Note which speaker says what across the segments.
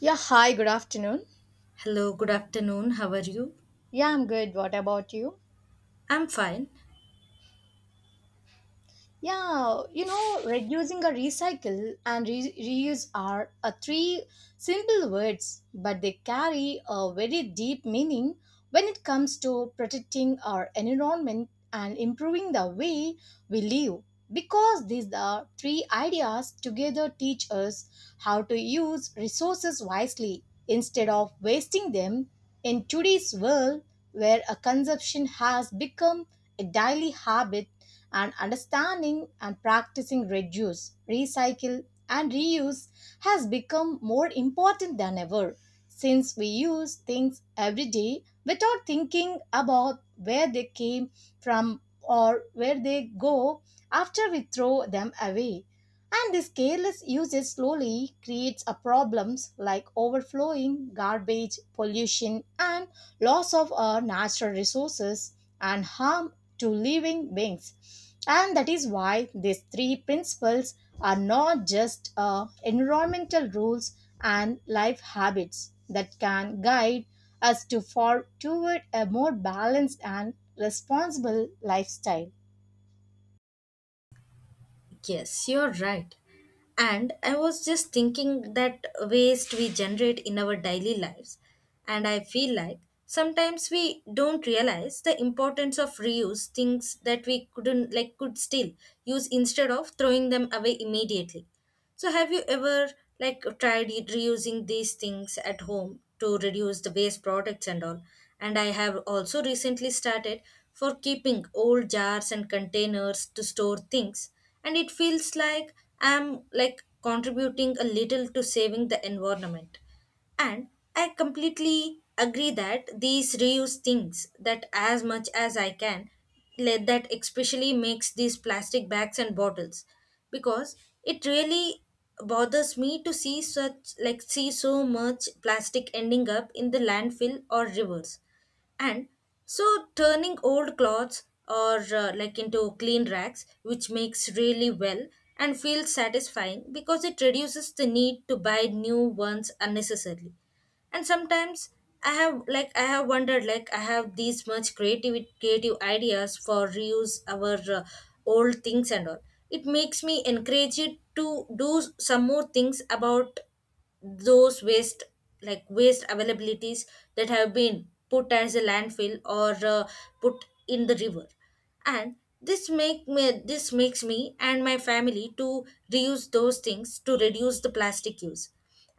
Speaker 1: Yeah, hi, good afternoon.
Speaker 2: Hello, good afternoon. How are you?
Speaker 1: Yeah, I'm good. What about you?
Speaker 2: I'm fine.
Speaker 1: Reducing a recycle and reuse are a three simple words, but they carry a very deep meaning when it comes to protecting our environment and improving the way we live. Because these are three ideas together teach us how to use resources wisely instead of wasting them in today's world where a consumption has become a daily habit and understanding and practicing reduce, recycle, and reuse has become more important than ever since we use things every day without thinking about where they came from or where they go after we throw them away. And this careless usage slowly creates a problems like overflowing, garbage, pollution, and loss of our natural resources and harm to living beings. And that is why these three principles are not just environmental rules and life habits that can guide us to far toward a more balanced and responsible lifestyle.
Speaker 2: Yes, you're right. And I was just thinking that waste we generate in our daily lives. And I feel like sometimes we don't realize the importance of reuse things that we couldn't like could still use instead of throwing them away immediately. So have you ever reusing these things at home to reduce the waste products and all? And I have also recently started for keeping old jars and containers to store things, and it feels like I'm like contributing a little to saving the environment. And I completely agree that these reuse things that as much as I can, let that especially makes these plastic bags and bottles because it really bothers me to see such like see so much plastic ending up in the landfill or rivers, and so turning old clothes or like into clean racks which makes really well and feels satisfying because it reduces the need to buy new ones unnecessarily. And sometimes I have wondered, like I have these much creative ideas for reuse our old things and all. It makes me encourage you to do some more things about those waste, like waste availabilities that have been put as a landfill, or put in the river. And this makes me and my family to reuse those things to reduce the plastic use.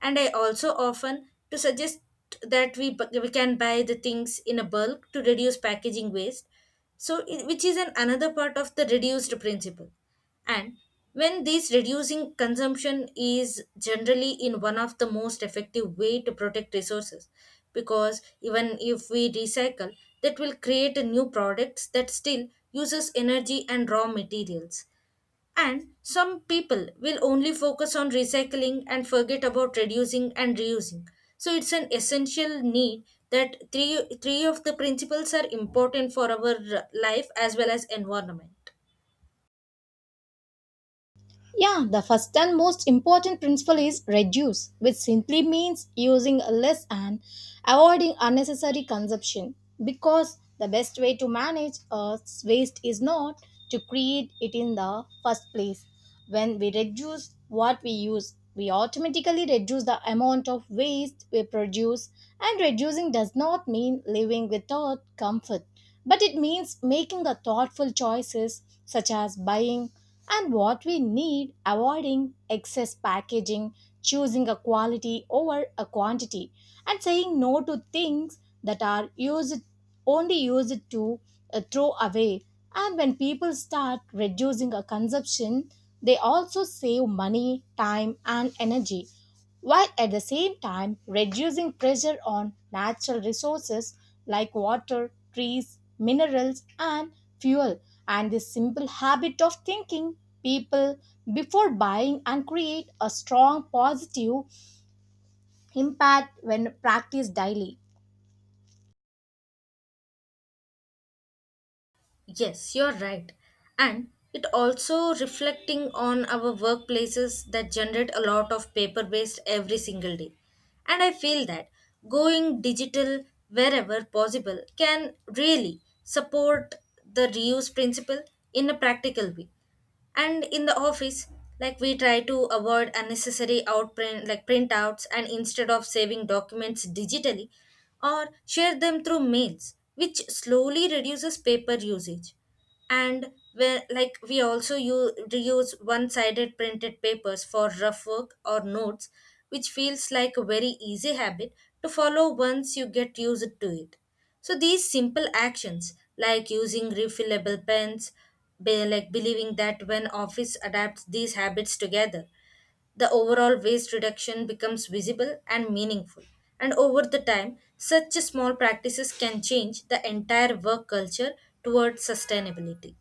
Speaker 2: And I also often to suggest that we can buy the things in a bulk to reduce packaging waste, so which is an another part of the reduced principle. And when this reducing consumption is generally in one of the most effective way to protect resources, because even if we recycle, that will create a new products that still uses energy and raw materials, and some people will only focus on recycling and forget about reducing and reusing. So it's an essential need that three of the principles are important for our life as well as environment.
Speaker 1: Yeah, the first and most important principle is reduce, which simply means using less and avoiding unnecessary consumption. Because the best way to manage Earth's waste is not to create it in the first place. When we reduce what we use, we automatically reduce the amount of waste we produce, and reducing does not mean living without comfort, but it means making the thoughtful choices such as buying and what we need, avoiding excess packaging, choosing a quality over a quantity, and saying no to things that are used only used to throw away. And when people start reducing a consumption, they also save money, time, and energy, while at the same time reducing pressure on natural resources like water, trees, minerals, and fuel. And this simple habit of thinking people before buying and create a strong positive impact when practiced daily.
Speaker 2: Yes, you're right. And it also reflecting on our workplaces that generate a lot of paper waste every single day. And I feel that going digital wherever possible can really support the reuse principle in a practical way. And in the office, like we try to avoid unnecessary outprint, like printouts, and instead of saving documents digitally or share them through mails, which slowly reduces paper usage. And where like we also use, reuse one-sided printed papers for rough work or notes, which feels like a very easy habit to follow once you get used to it. So these simple actions, like using refillable pens, like believing that when office adapts these habits together, the overall waste reduction becomes visible and meaningful. And over the time, such small practices can change the entire work culture towards sustainability.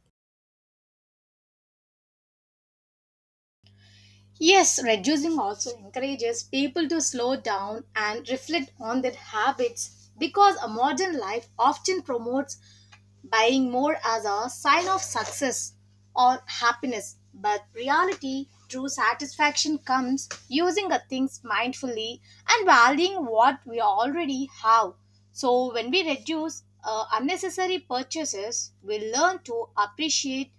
Speaker 1: Yes, reducing also encourages people to slow down and reflect on their habits because a modern life often promotes buying more as a sign of success or happiness. But reality, true satisfaction comes using the things mindfully and valuing what we already have. So when we reduce unnecessary purchases, we learn to appreciate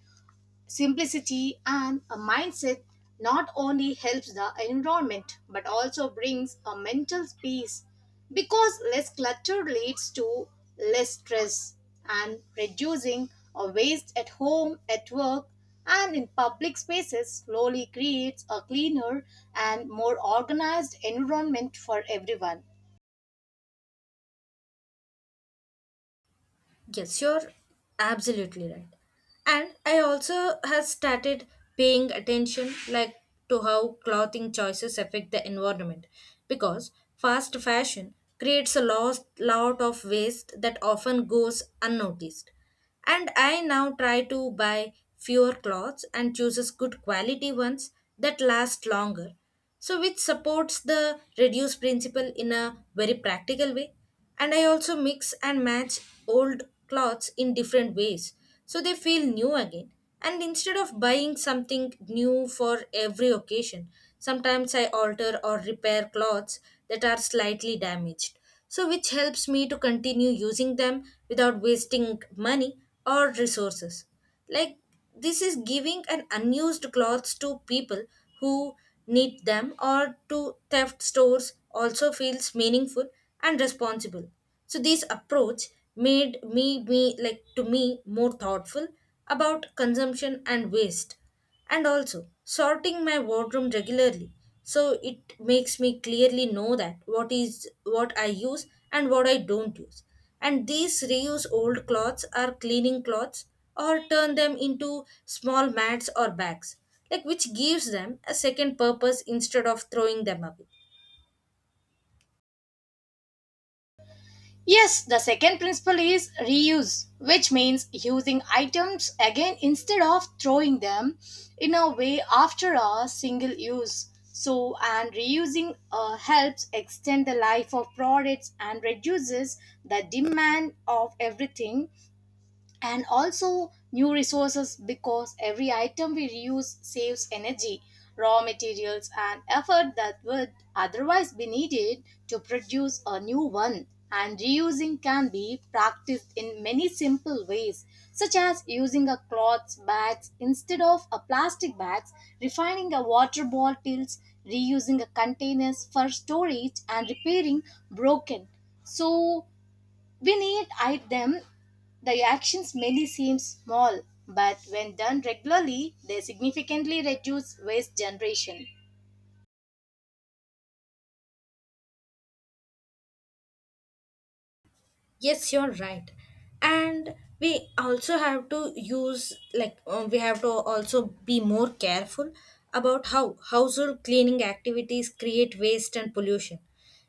Speaker 1: simplicity and a mindset not only helps the environment but also brings a mental peace because less clutter leads to less stress, and reducing a waste at home, at work, and in public spaces slowly creates a cleaner and more organized environment for everyone.
Speaker 2: Yes, you're absolutely right. And I also have started paying attention, like to how clothing choices affect the environment, because fast fashion creates a lot of waste that often goes unnoticed. And I now try to buy fewer clothes and chooses good quality ones that last longer. So which supports the reduce principle in a very practical way. And I also mix and match old clothes in different ways so they feel new again. And instead of buying something new for every occasion, sometimes I alter or repair clothes that are slightly damaged, so which helps me to continue using them without wasting money or resources. Like this is giving an unused clothes to people who need them, or to theft stores also feels meaningful and responsible. So this approach made me me like to me more thoughtful about consumption and waste, and also sorting my wardrobe regularly, so it makes me clearly know that what is what I use and what I don't use. And these reuse old clothes are cleaning clothes or turn them into small mats or bags, like which gives them a second purpose instead of throwing them away.
Speaker 1: Yes, the second principle is reuse, which means using items again instead of throwing them in a way after a single use. So, and reusing helps extend the life of products and reduces the demand of everything and also new resources because every item we reuse saves energy, raw materials, and effort that would otherwise be needed to produce a new one. And reusing can be practiced in many simple ways, such as using a cloth bags instead of a plastic bags, refining a water bottles, reusing a containers for storage, and repairing broken. So when eat at them, the actions may seem small, but when done regularly, they significantly reduce waste generation.
Speaker 2: Yes, you're right. And we also have to use, like, we have to also be more careful about how household cleaning activities create waste and pollution,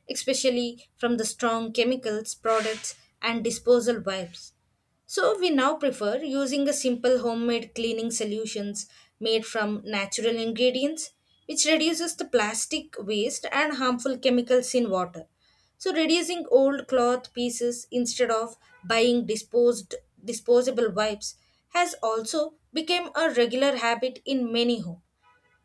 Speaker 2: especially from the strong chemicals, products, and disposal wipes. So we now prefer using a simple homemade cleaning solutions made from natural ingredients which reduces the plastic waste and harmful chemicals in water. So reducing old cloth pieces instead of buying disposed disposable wipes has also become a regular habit in many homes.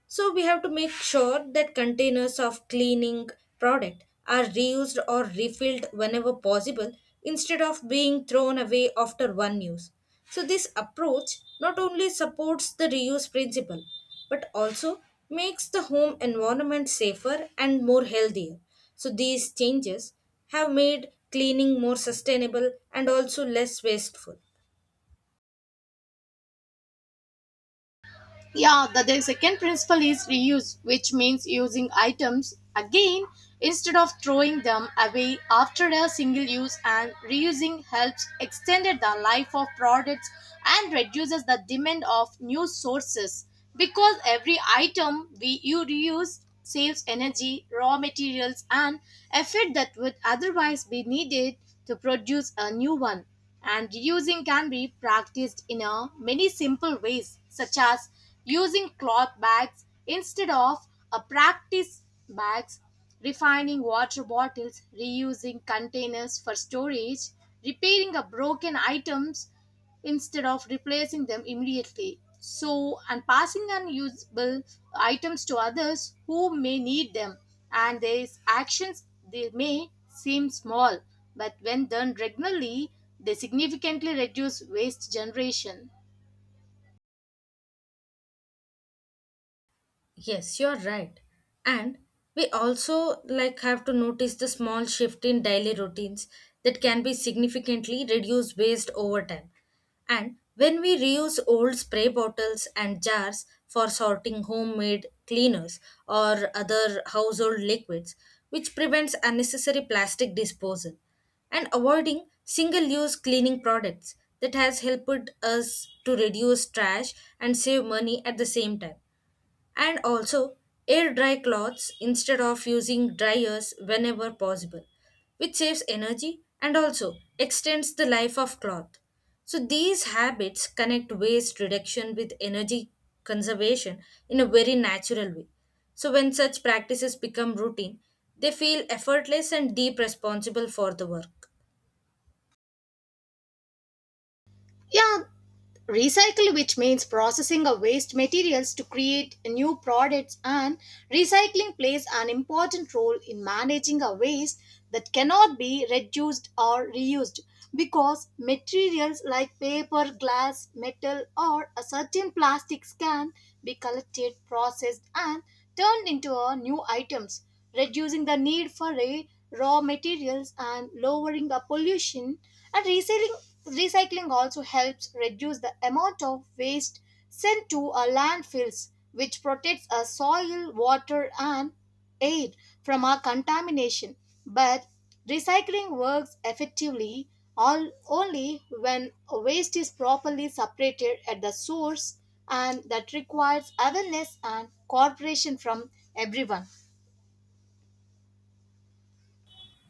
Speaker 2: So we have to make sure that containers of cleaning product are reused or refilled whenever possible instead of being thrown away after one use. So this approach not only supports the reuse principle but also makes the home environment safer and more healthier. So these changes have made cleaning more sustainable and also less wasteful.
Speaker 1: Yeah, the second principle is reuse, which means using items again instead of throwing them away after a single use, and reusing helps extended the life of products and reduces the demand of new sources because every item we you reuse saves energy, raw materials, and effort that would otherwise be needed to produce a new one. And reusing can be practiced in a many simple ways, such as using cloth bags instead of a practice bags, refining water bottles, reusing containers for storage, repairing a broken items instead of replacing them immediately. So, and passing unusable items to others who may need them, and these actions, they may seem small, but when done regularly, they significantly reduce waste generation.
Speaker 2: Yes, you're right. And we also like have to notice the small shift in daily routines that can be significantly reduce waste over time. And when we reuse old spray bottles and jars for sorting homemade cleaners or other household liquids, which prevents unnecessary plastic disposal and avoiding single-use cleaning products that has helped us to reduce trash and save money at the same time. And also air dry clothes instead of using dryers whenever possible, which saves energy and also extends the life of cloth. So, these habits connect waste reduction with energy conservation in a very natural way. So, when such practices become routine, they feel effortless and deep responsible for the work.
Speaker 1: Yeah, recycle, which means processing of waste materials to create new products, and recycling plays an important role in managing a waste that cannot be reduced or reused because materials like paper, glass, metal, or a certain plastics can be collected, processed, and turned into a new items, reducing the need for a raw materials and lowering the pollution. And recycling also helps reduce the amount of waste sent to our landfills, which protects our soil, water, and air from our contamination. But recycling works effectively all only when waste is properly separated at the source, and that requires awareness and cooperation from everyone.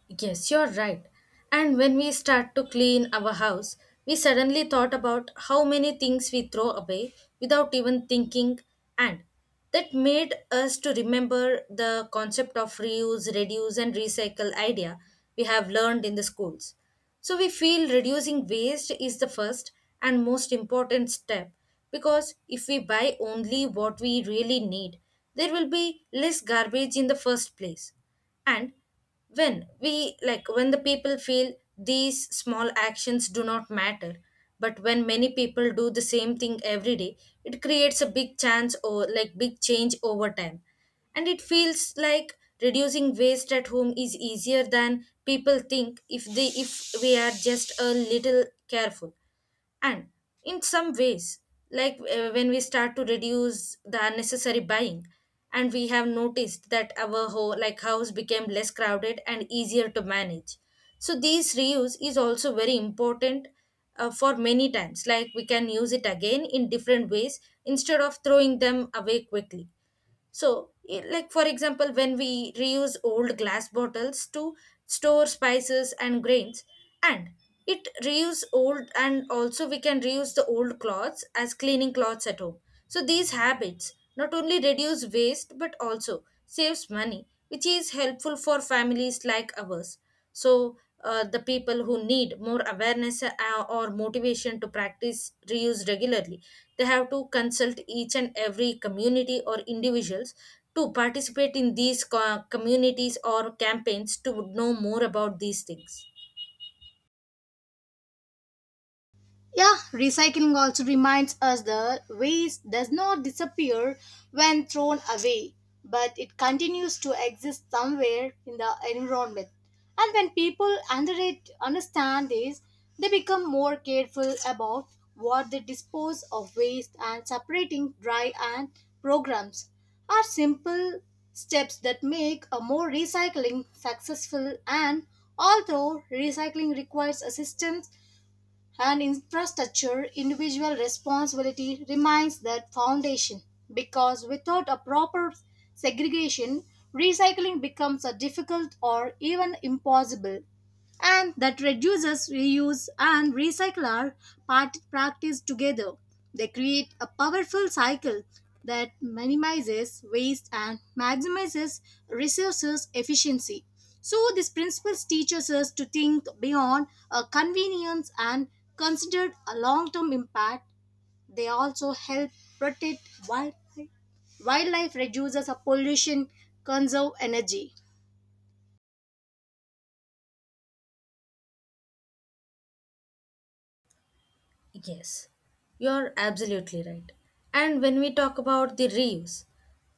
Speaker 2: Yes, you're right. And when we start to clean our house, we suddenly thought about how many things we throw away without even thinking, and that made us to remember the concept of reuse, reduce, and recycle idea we have learned in the schools. So we feel reducing waste is the first and most important step, because if we buy only what we really need, there will be less garbage in the first place. And when we like when the people feel these small actions do not matter, but when many people do the same thing every day, it creates a big chance, or like big change over time. And it feels like reducing waste at home is easier than people think, if we are just a little careful. And in some ways, like when we start to reduce the unnecessary buying, and we have noticed that our whole like house became less crowded and easier to manage. So these reuse is also very important, for many times like we can use it again in different ways instead of throwing them away quickly. So, for example, when we reuse old glass bottles to store spices and grains, and it reuse old, and also we can reuse the old cloths as cleaning cloths at home. So these habits not only reduce waste but also saves money, which is helpful for families like ours. So the people who need more awareness or motivation to practice reuse regularly, they have to consult each and every community or individuals to participate in these communities or campaigns to know more about these things.
Speaker 1: Yeah, recycling also reminds us that waste does not disappear when thrown away, but it continues to exist somewhere in the environment. And when people under it understand this, they become more careful about what they dispose of waste, and separating dry and programs are simple steps that make a more recycling successful. And although recycling requires assistance and infrastructure, individual responsibility remains the foundation because without a proper segregation, recycling becomes a difficult or even impossible. And that reduces, reuse, and recycle are part practice together. They create a powerful cycle that minimizes waste and maximizes resources efficiency. So, this principle teaches us to think beyond convenience and consider a long term impact. They also help protect wildlife, wildlife, reduces a pollution, conserve energy.
Speaker 2: Yes, you're absolutely right. And when we talk about the reuse,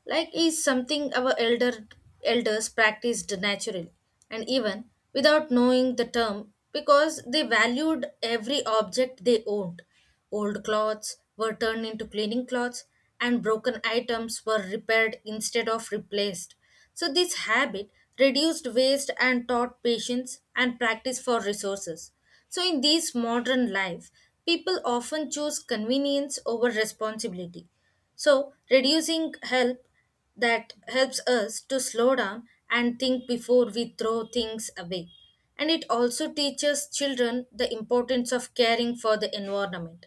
Speaker 2: like is something our elders practiced naturally and even without knowing the term because they valued every object they owned. Old clothes were turned into cleaning cloths and broken items were repaired instead of replaced. So, this habit reduced waste and taught patience and practice for resources. So, in this modern life, people often choose convenience over responsibility. So, reducing help that helps us to slow down and think before we throw things away. And it also teaches children the importance of caring for the environment.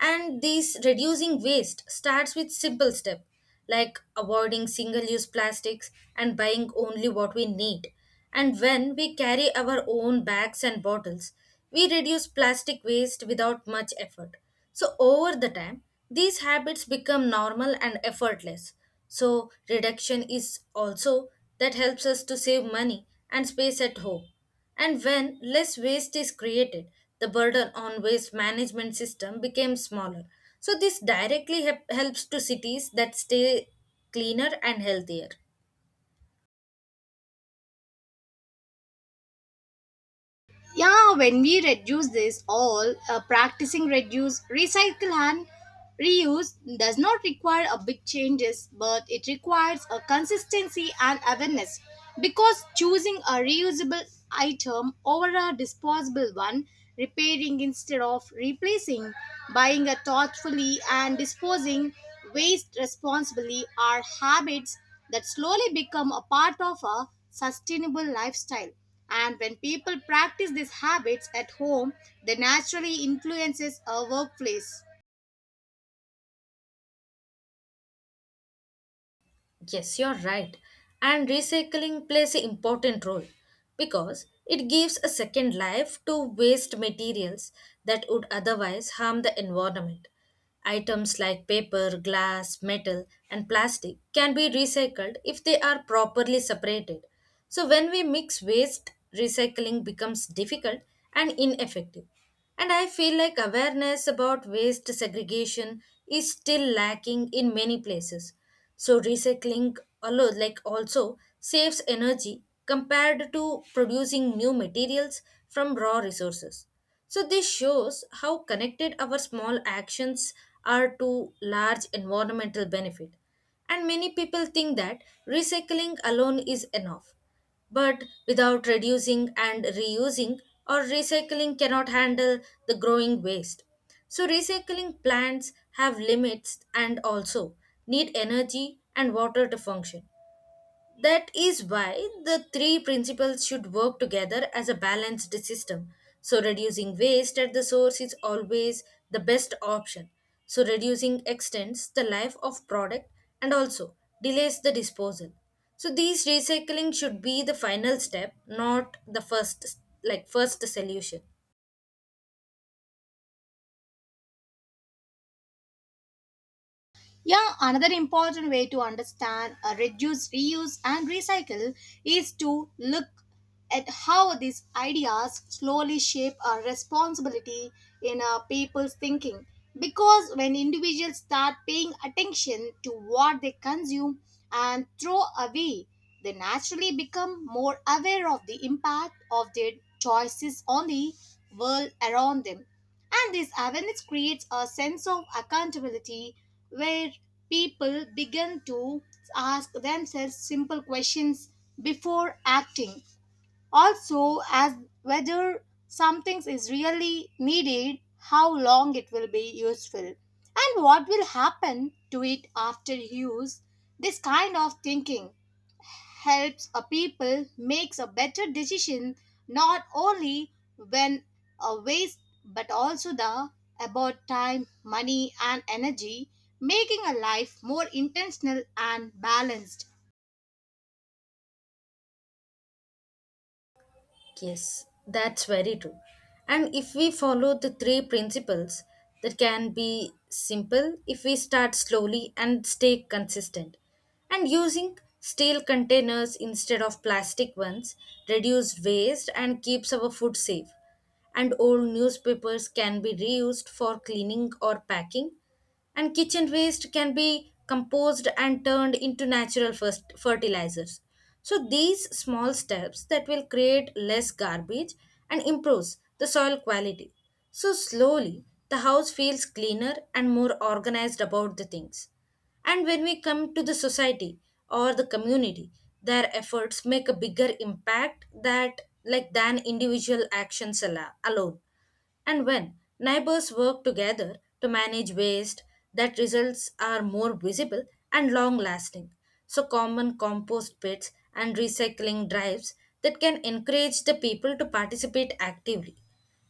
Speaker 2: And this reducing waste starts with simple steps like avoiding single use plastics and buying only what we need. And when we carry our own bags and bottles, we reduce plastic waste without much effort. So, over the time, these habits become normal and effortless. So, reduction is also that helps us to save money and space at home. And when less waste is created, the burden on waste management system became smaller. So this directly helps to cities that stay cleaner and healthier.
Speaker 1: Yeah, when we reduce this all, practicing reduce, recycle, and reuse does not require a big changes, but it requires a consistency and awareness. Because choosing a reusable item over a disposable one, repairing instead of replacing, buying a thoughtfully, and disposing waste responsibly are habits that slowly become a part of a sustainable lifestyle, and when people practice these habits at home, they naturally influences our workplace.
Speaker 2: Yes, you're right. And recycling plays an important role because it gives a second life to waste materials that would otherwise harm the environment. Items like paper, glass, metal, and plastic can be recycled if they are properly separated. So, when we mix waste, recycling becomes difficult and ineffective. And I feel like awareness about waste segregation is still lacking in many places. So recycling alone like also saves energy compared to producing new materials from raw resources. So this shows how connected our small actions are to large environmental benefit. And many people think that recycling alone is enough, but without reducing and reusing, or recycling cannot handle the growing waste. So recycling plants have limits and also need energy and water to function. That is why the three principles should work together as a balanced system. So, reducing waste at the source is always the best option. So, reducing extends the life of product and also delays the disposal. So, these recycling should be the final step, not the first solution.
Speaker 1: Yeah, another important way to understand reduce, reuse, and recycle is to look at how these ideas slowly shape our responsibility in our people's thinking. Because when individuals start paying attention to what they consume and throw away, they naturally become more aware of the impact of their choices on the world around them. And this awareness creates a sense of accountability where people begin to ask themselves simple questions before acting. Also, as whether something is really needed, how long it will be useful, and what will happen to it after use. This kind of thinking helps a people makes a better decision not only when a waste but also the about time, money, and energy, making a life more intentional and balanced.
Speaker 2: Yes, that's very true. And if we follow the three principles, that can be simple if we start slowly and stay consistent. And using steel containers instead of plastic ones reduce waste and keeps our food safe. And old newspapers can be reused for cleaning or packing. And kitchen waste can be composed and turned into natural first fertilizers. So these small steps that will create less garbage and improves the soil quality. So slowly the house feels cleaner and more organized about the things. And when we come to the society or the community, their efforts make a bigger impact that like than individual actions alone. And when neighbors work together to manage waste, that results are more visible and long lasting. So common compost pits and recycling drives that can encourage the people to participate actively.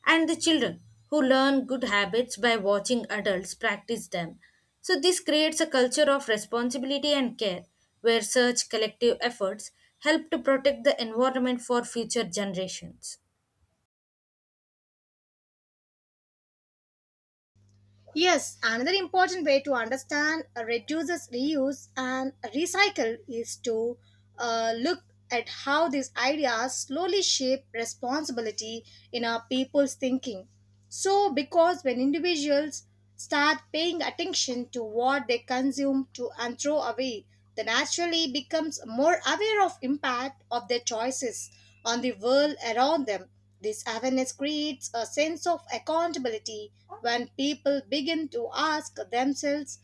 Speaker 2: And the children who learn good habits by watching adults practice them. So this creates a culture of responsibility and care where such collective efforts help to protect the environment for future generations.
Speaker 1: Yes, another important way to understand reduces, reuse, and recycle is to look at how these ideas slowly shape responsibility in our people's thinking. So, because when individuals start paying attention to what they consume to and throw away, they naturally becomes more aware of impact of their choices on the world around them. This awareness creates a sense of accountability when people begin to ask themselves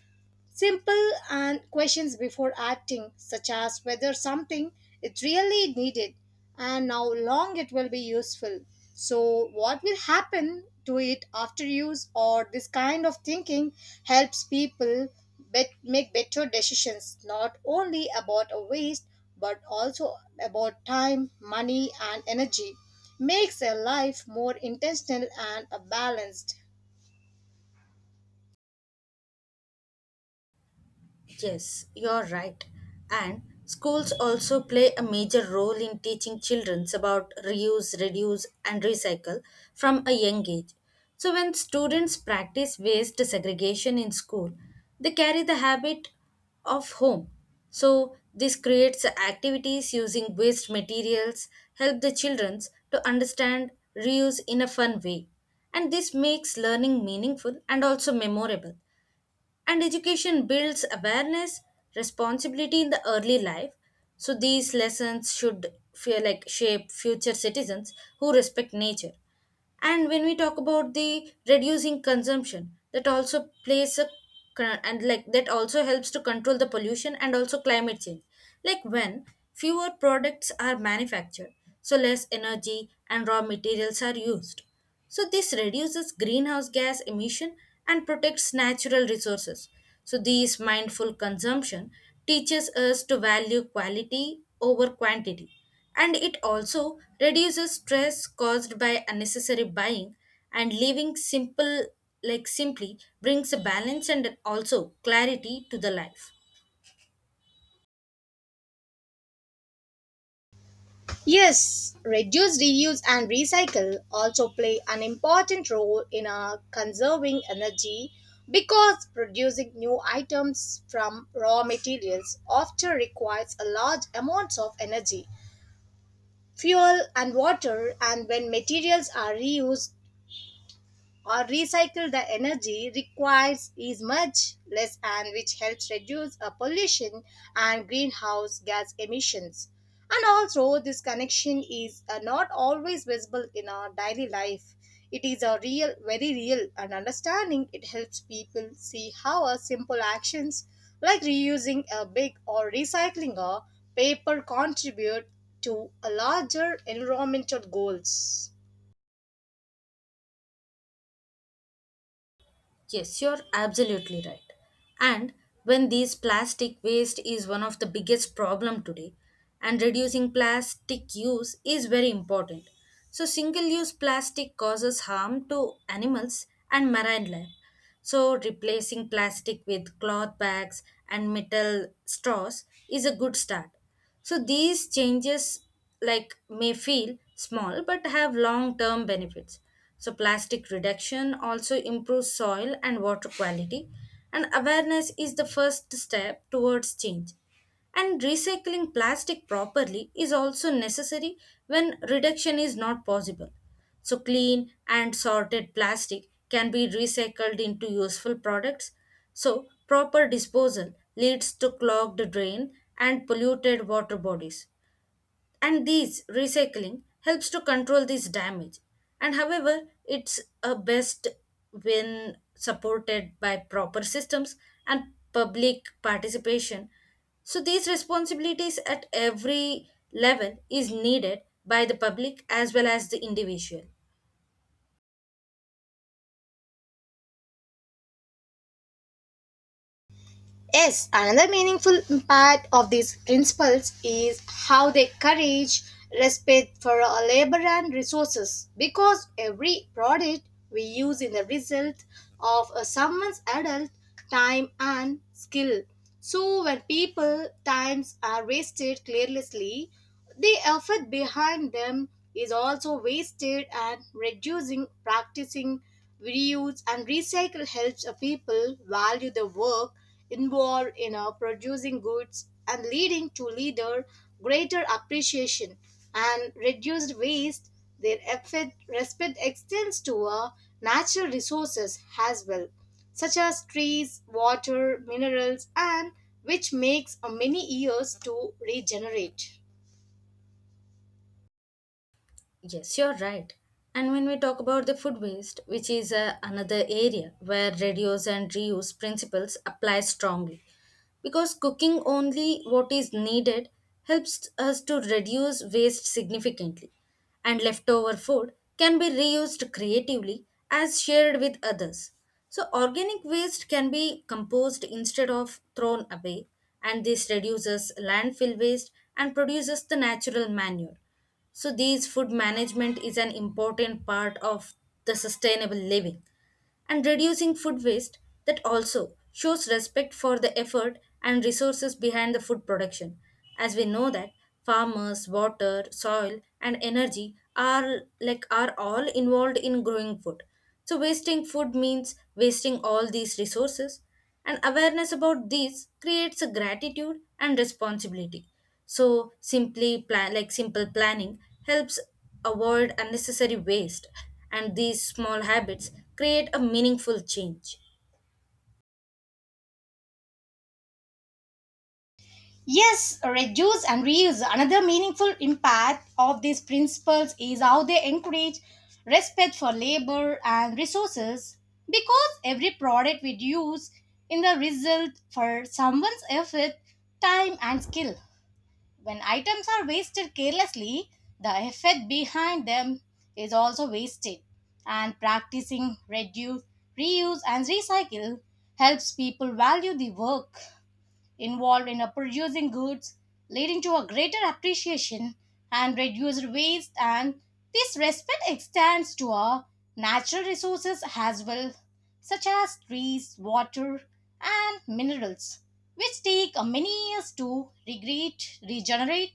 Speaker 1: simple and questions before acting, such as whether something is really needed and how long it will be useful. So, what will happen to it after use, or this kind of thinking helps people make better decisions not only about a waste but also about time, money, and energy. Makes a life more intentional and balanced.
Speaker 2: Yes, you're right. And schools also play a major role in teaching children about reuse, reduce, and recycle from a young age. So, when students practice waste segregation in school, they carry the habit of home. So, this creates activities using waste materials, help the children to understand reuse in a fun way. And this makes learning meaningful and also memorable, and education builds awareness responsibility in the early life. So these lessons should feel like shape future citizens who respect nature. And when we talk about the reducing consumption, that also plays a con- and like that also helps to control the pollution and also climate change, like when fewer products are manufactured, so less energy and raw materials are used, so this reduces greenhouse gas emission and protects natural resources. So this mindful consumption teaches us to value quality over quantity, and it also reduces stress caused by unnecessary buying, and living simple like simply brings a balance and also clarity to the life.
Speaker 1: Yes, reduce, reuse, and recycle also play an important role in conserving energy because producing new items from raw materials often requires a large amounts of energy, fuel, and water. And when materials are reused or recycle, the energy requires is much less, and which helps reduce pollution and greenhouse gas emissions. And also this connection is not always visible in our daily life. It is a real very real, and understanding it helps people see how a simple actions like reusing a big or recycling a paper contribute to a larger environmental goals.
Speaker 2: Yes, you're absolutely right. And when these plastic waste is one of the biggest problem today, and reducing plastic use is very important. So single-use plastic causes harm to animals and marine life. So replacing plastic with cloth bags and metal straws is a good start. So these changes like may feel small but have long-term benefits. So plastic reduction also improves soil and water quality, and awareness is the first step towards change. And recycling plastic properly is also necessary when reduction is not possible. So clean and sorted plastic can be recycled into useful products. So proper disposal leads to clogged drain and polluted water bodies. And these recycling helps to control this damage. And however, it's a best when supported by proper systems and public participation. So these responsibilities at every level is needed by the public as well as the individual.
Speaker 1: Yes, another meaningful impact of these principles is how they encourage respect for our labor and resources because every product we use is the result of a someone's adult time and skill. So when people times are wasted carelessly, the effort behind them is also wasted, and reducing practicing reuse and recycle helps a people value the work involved in producing goods and leading to leader greater appreciation and reduced waste. Their effort respect extends to natural resources as well, such as trees, water, minerals, and which makes many years to regenerate.
Speaker 2: Yes, you're right. And when we talk about the food waste, which is another area where reduce and reuse principles apply strongly, because cooking only what is needed helps us to reduce waste significantly, and leftover food can be reused creatively as shared with others. So, organic waste can be composed instead of thrown away, and this reduces landfill waste and produces the natural manure. So these food management is an important part of the sustainable living, and reducing food waste that also shows respect for the effort and resources behind the food production. As we know that farmers water soil and energy are like are all involved in growing food, so wasting food means wasting all these resources, and awareness about this creates a gratitude and responsibility. So simply plan like simple planning helps avoid unnecessary waste, and these small habits create a meaningful change.
Speaker 1: Yes, reduce and reuse. Another meaningful impact of these principles is how they encourage respect for labor and resources because every product we use in the result for someone's effort, time, and skill. When items are wasted carelessly, the effort behind them is also wasted. And practicing reduce, reuse, and recycle helps people value the work involved in producing goods, leading to a greater appreciation and reduced waste. And this respect extends to our natural resources as well, such as trees, water, and minerals, which take many years to regenerate.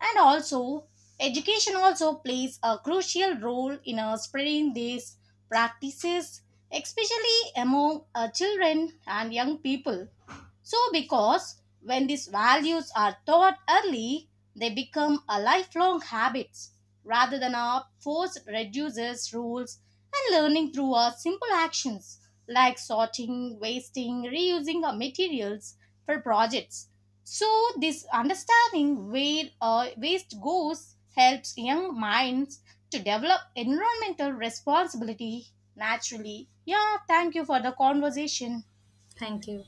Speaker 1: And also education also plays a crucial role in spreading these practices, especially among children and young people. So, because when these values are taught early, they become a lifelong habits rather than a forced reduces rules. And learning through our simple actions like sorting, wasting, reusing our materials for projects. So this understanding where waste goes helps young minds to develop environmental responsibility naturally. Yeah, thank you for the conversation.
Speaker 2: Thank you.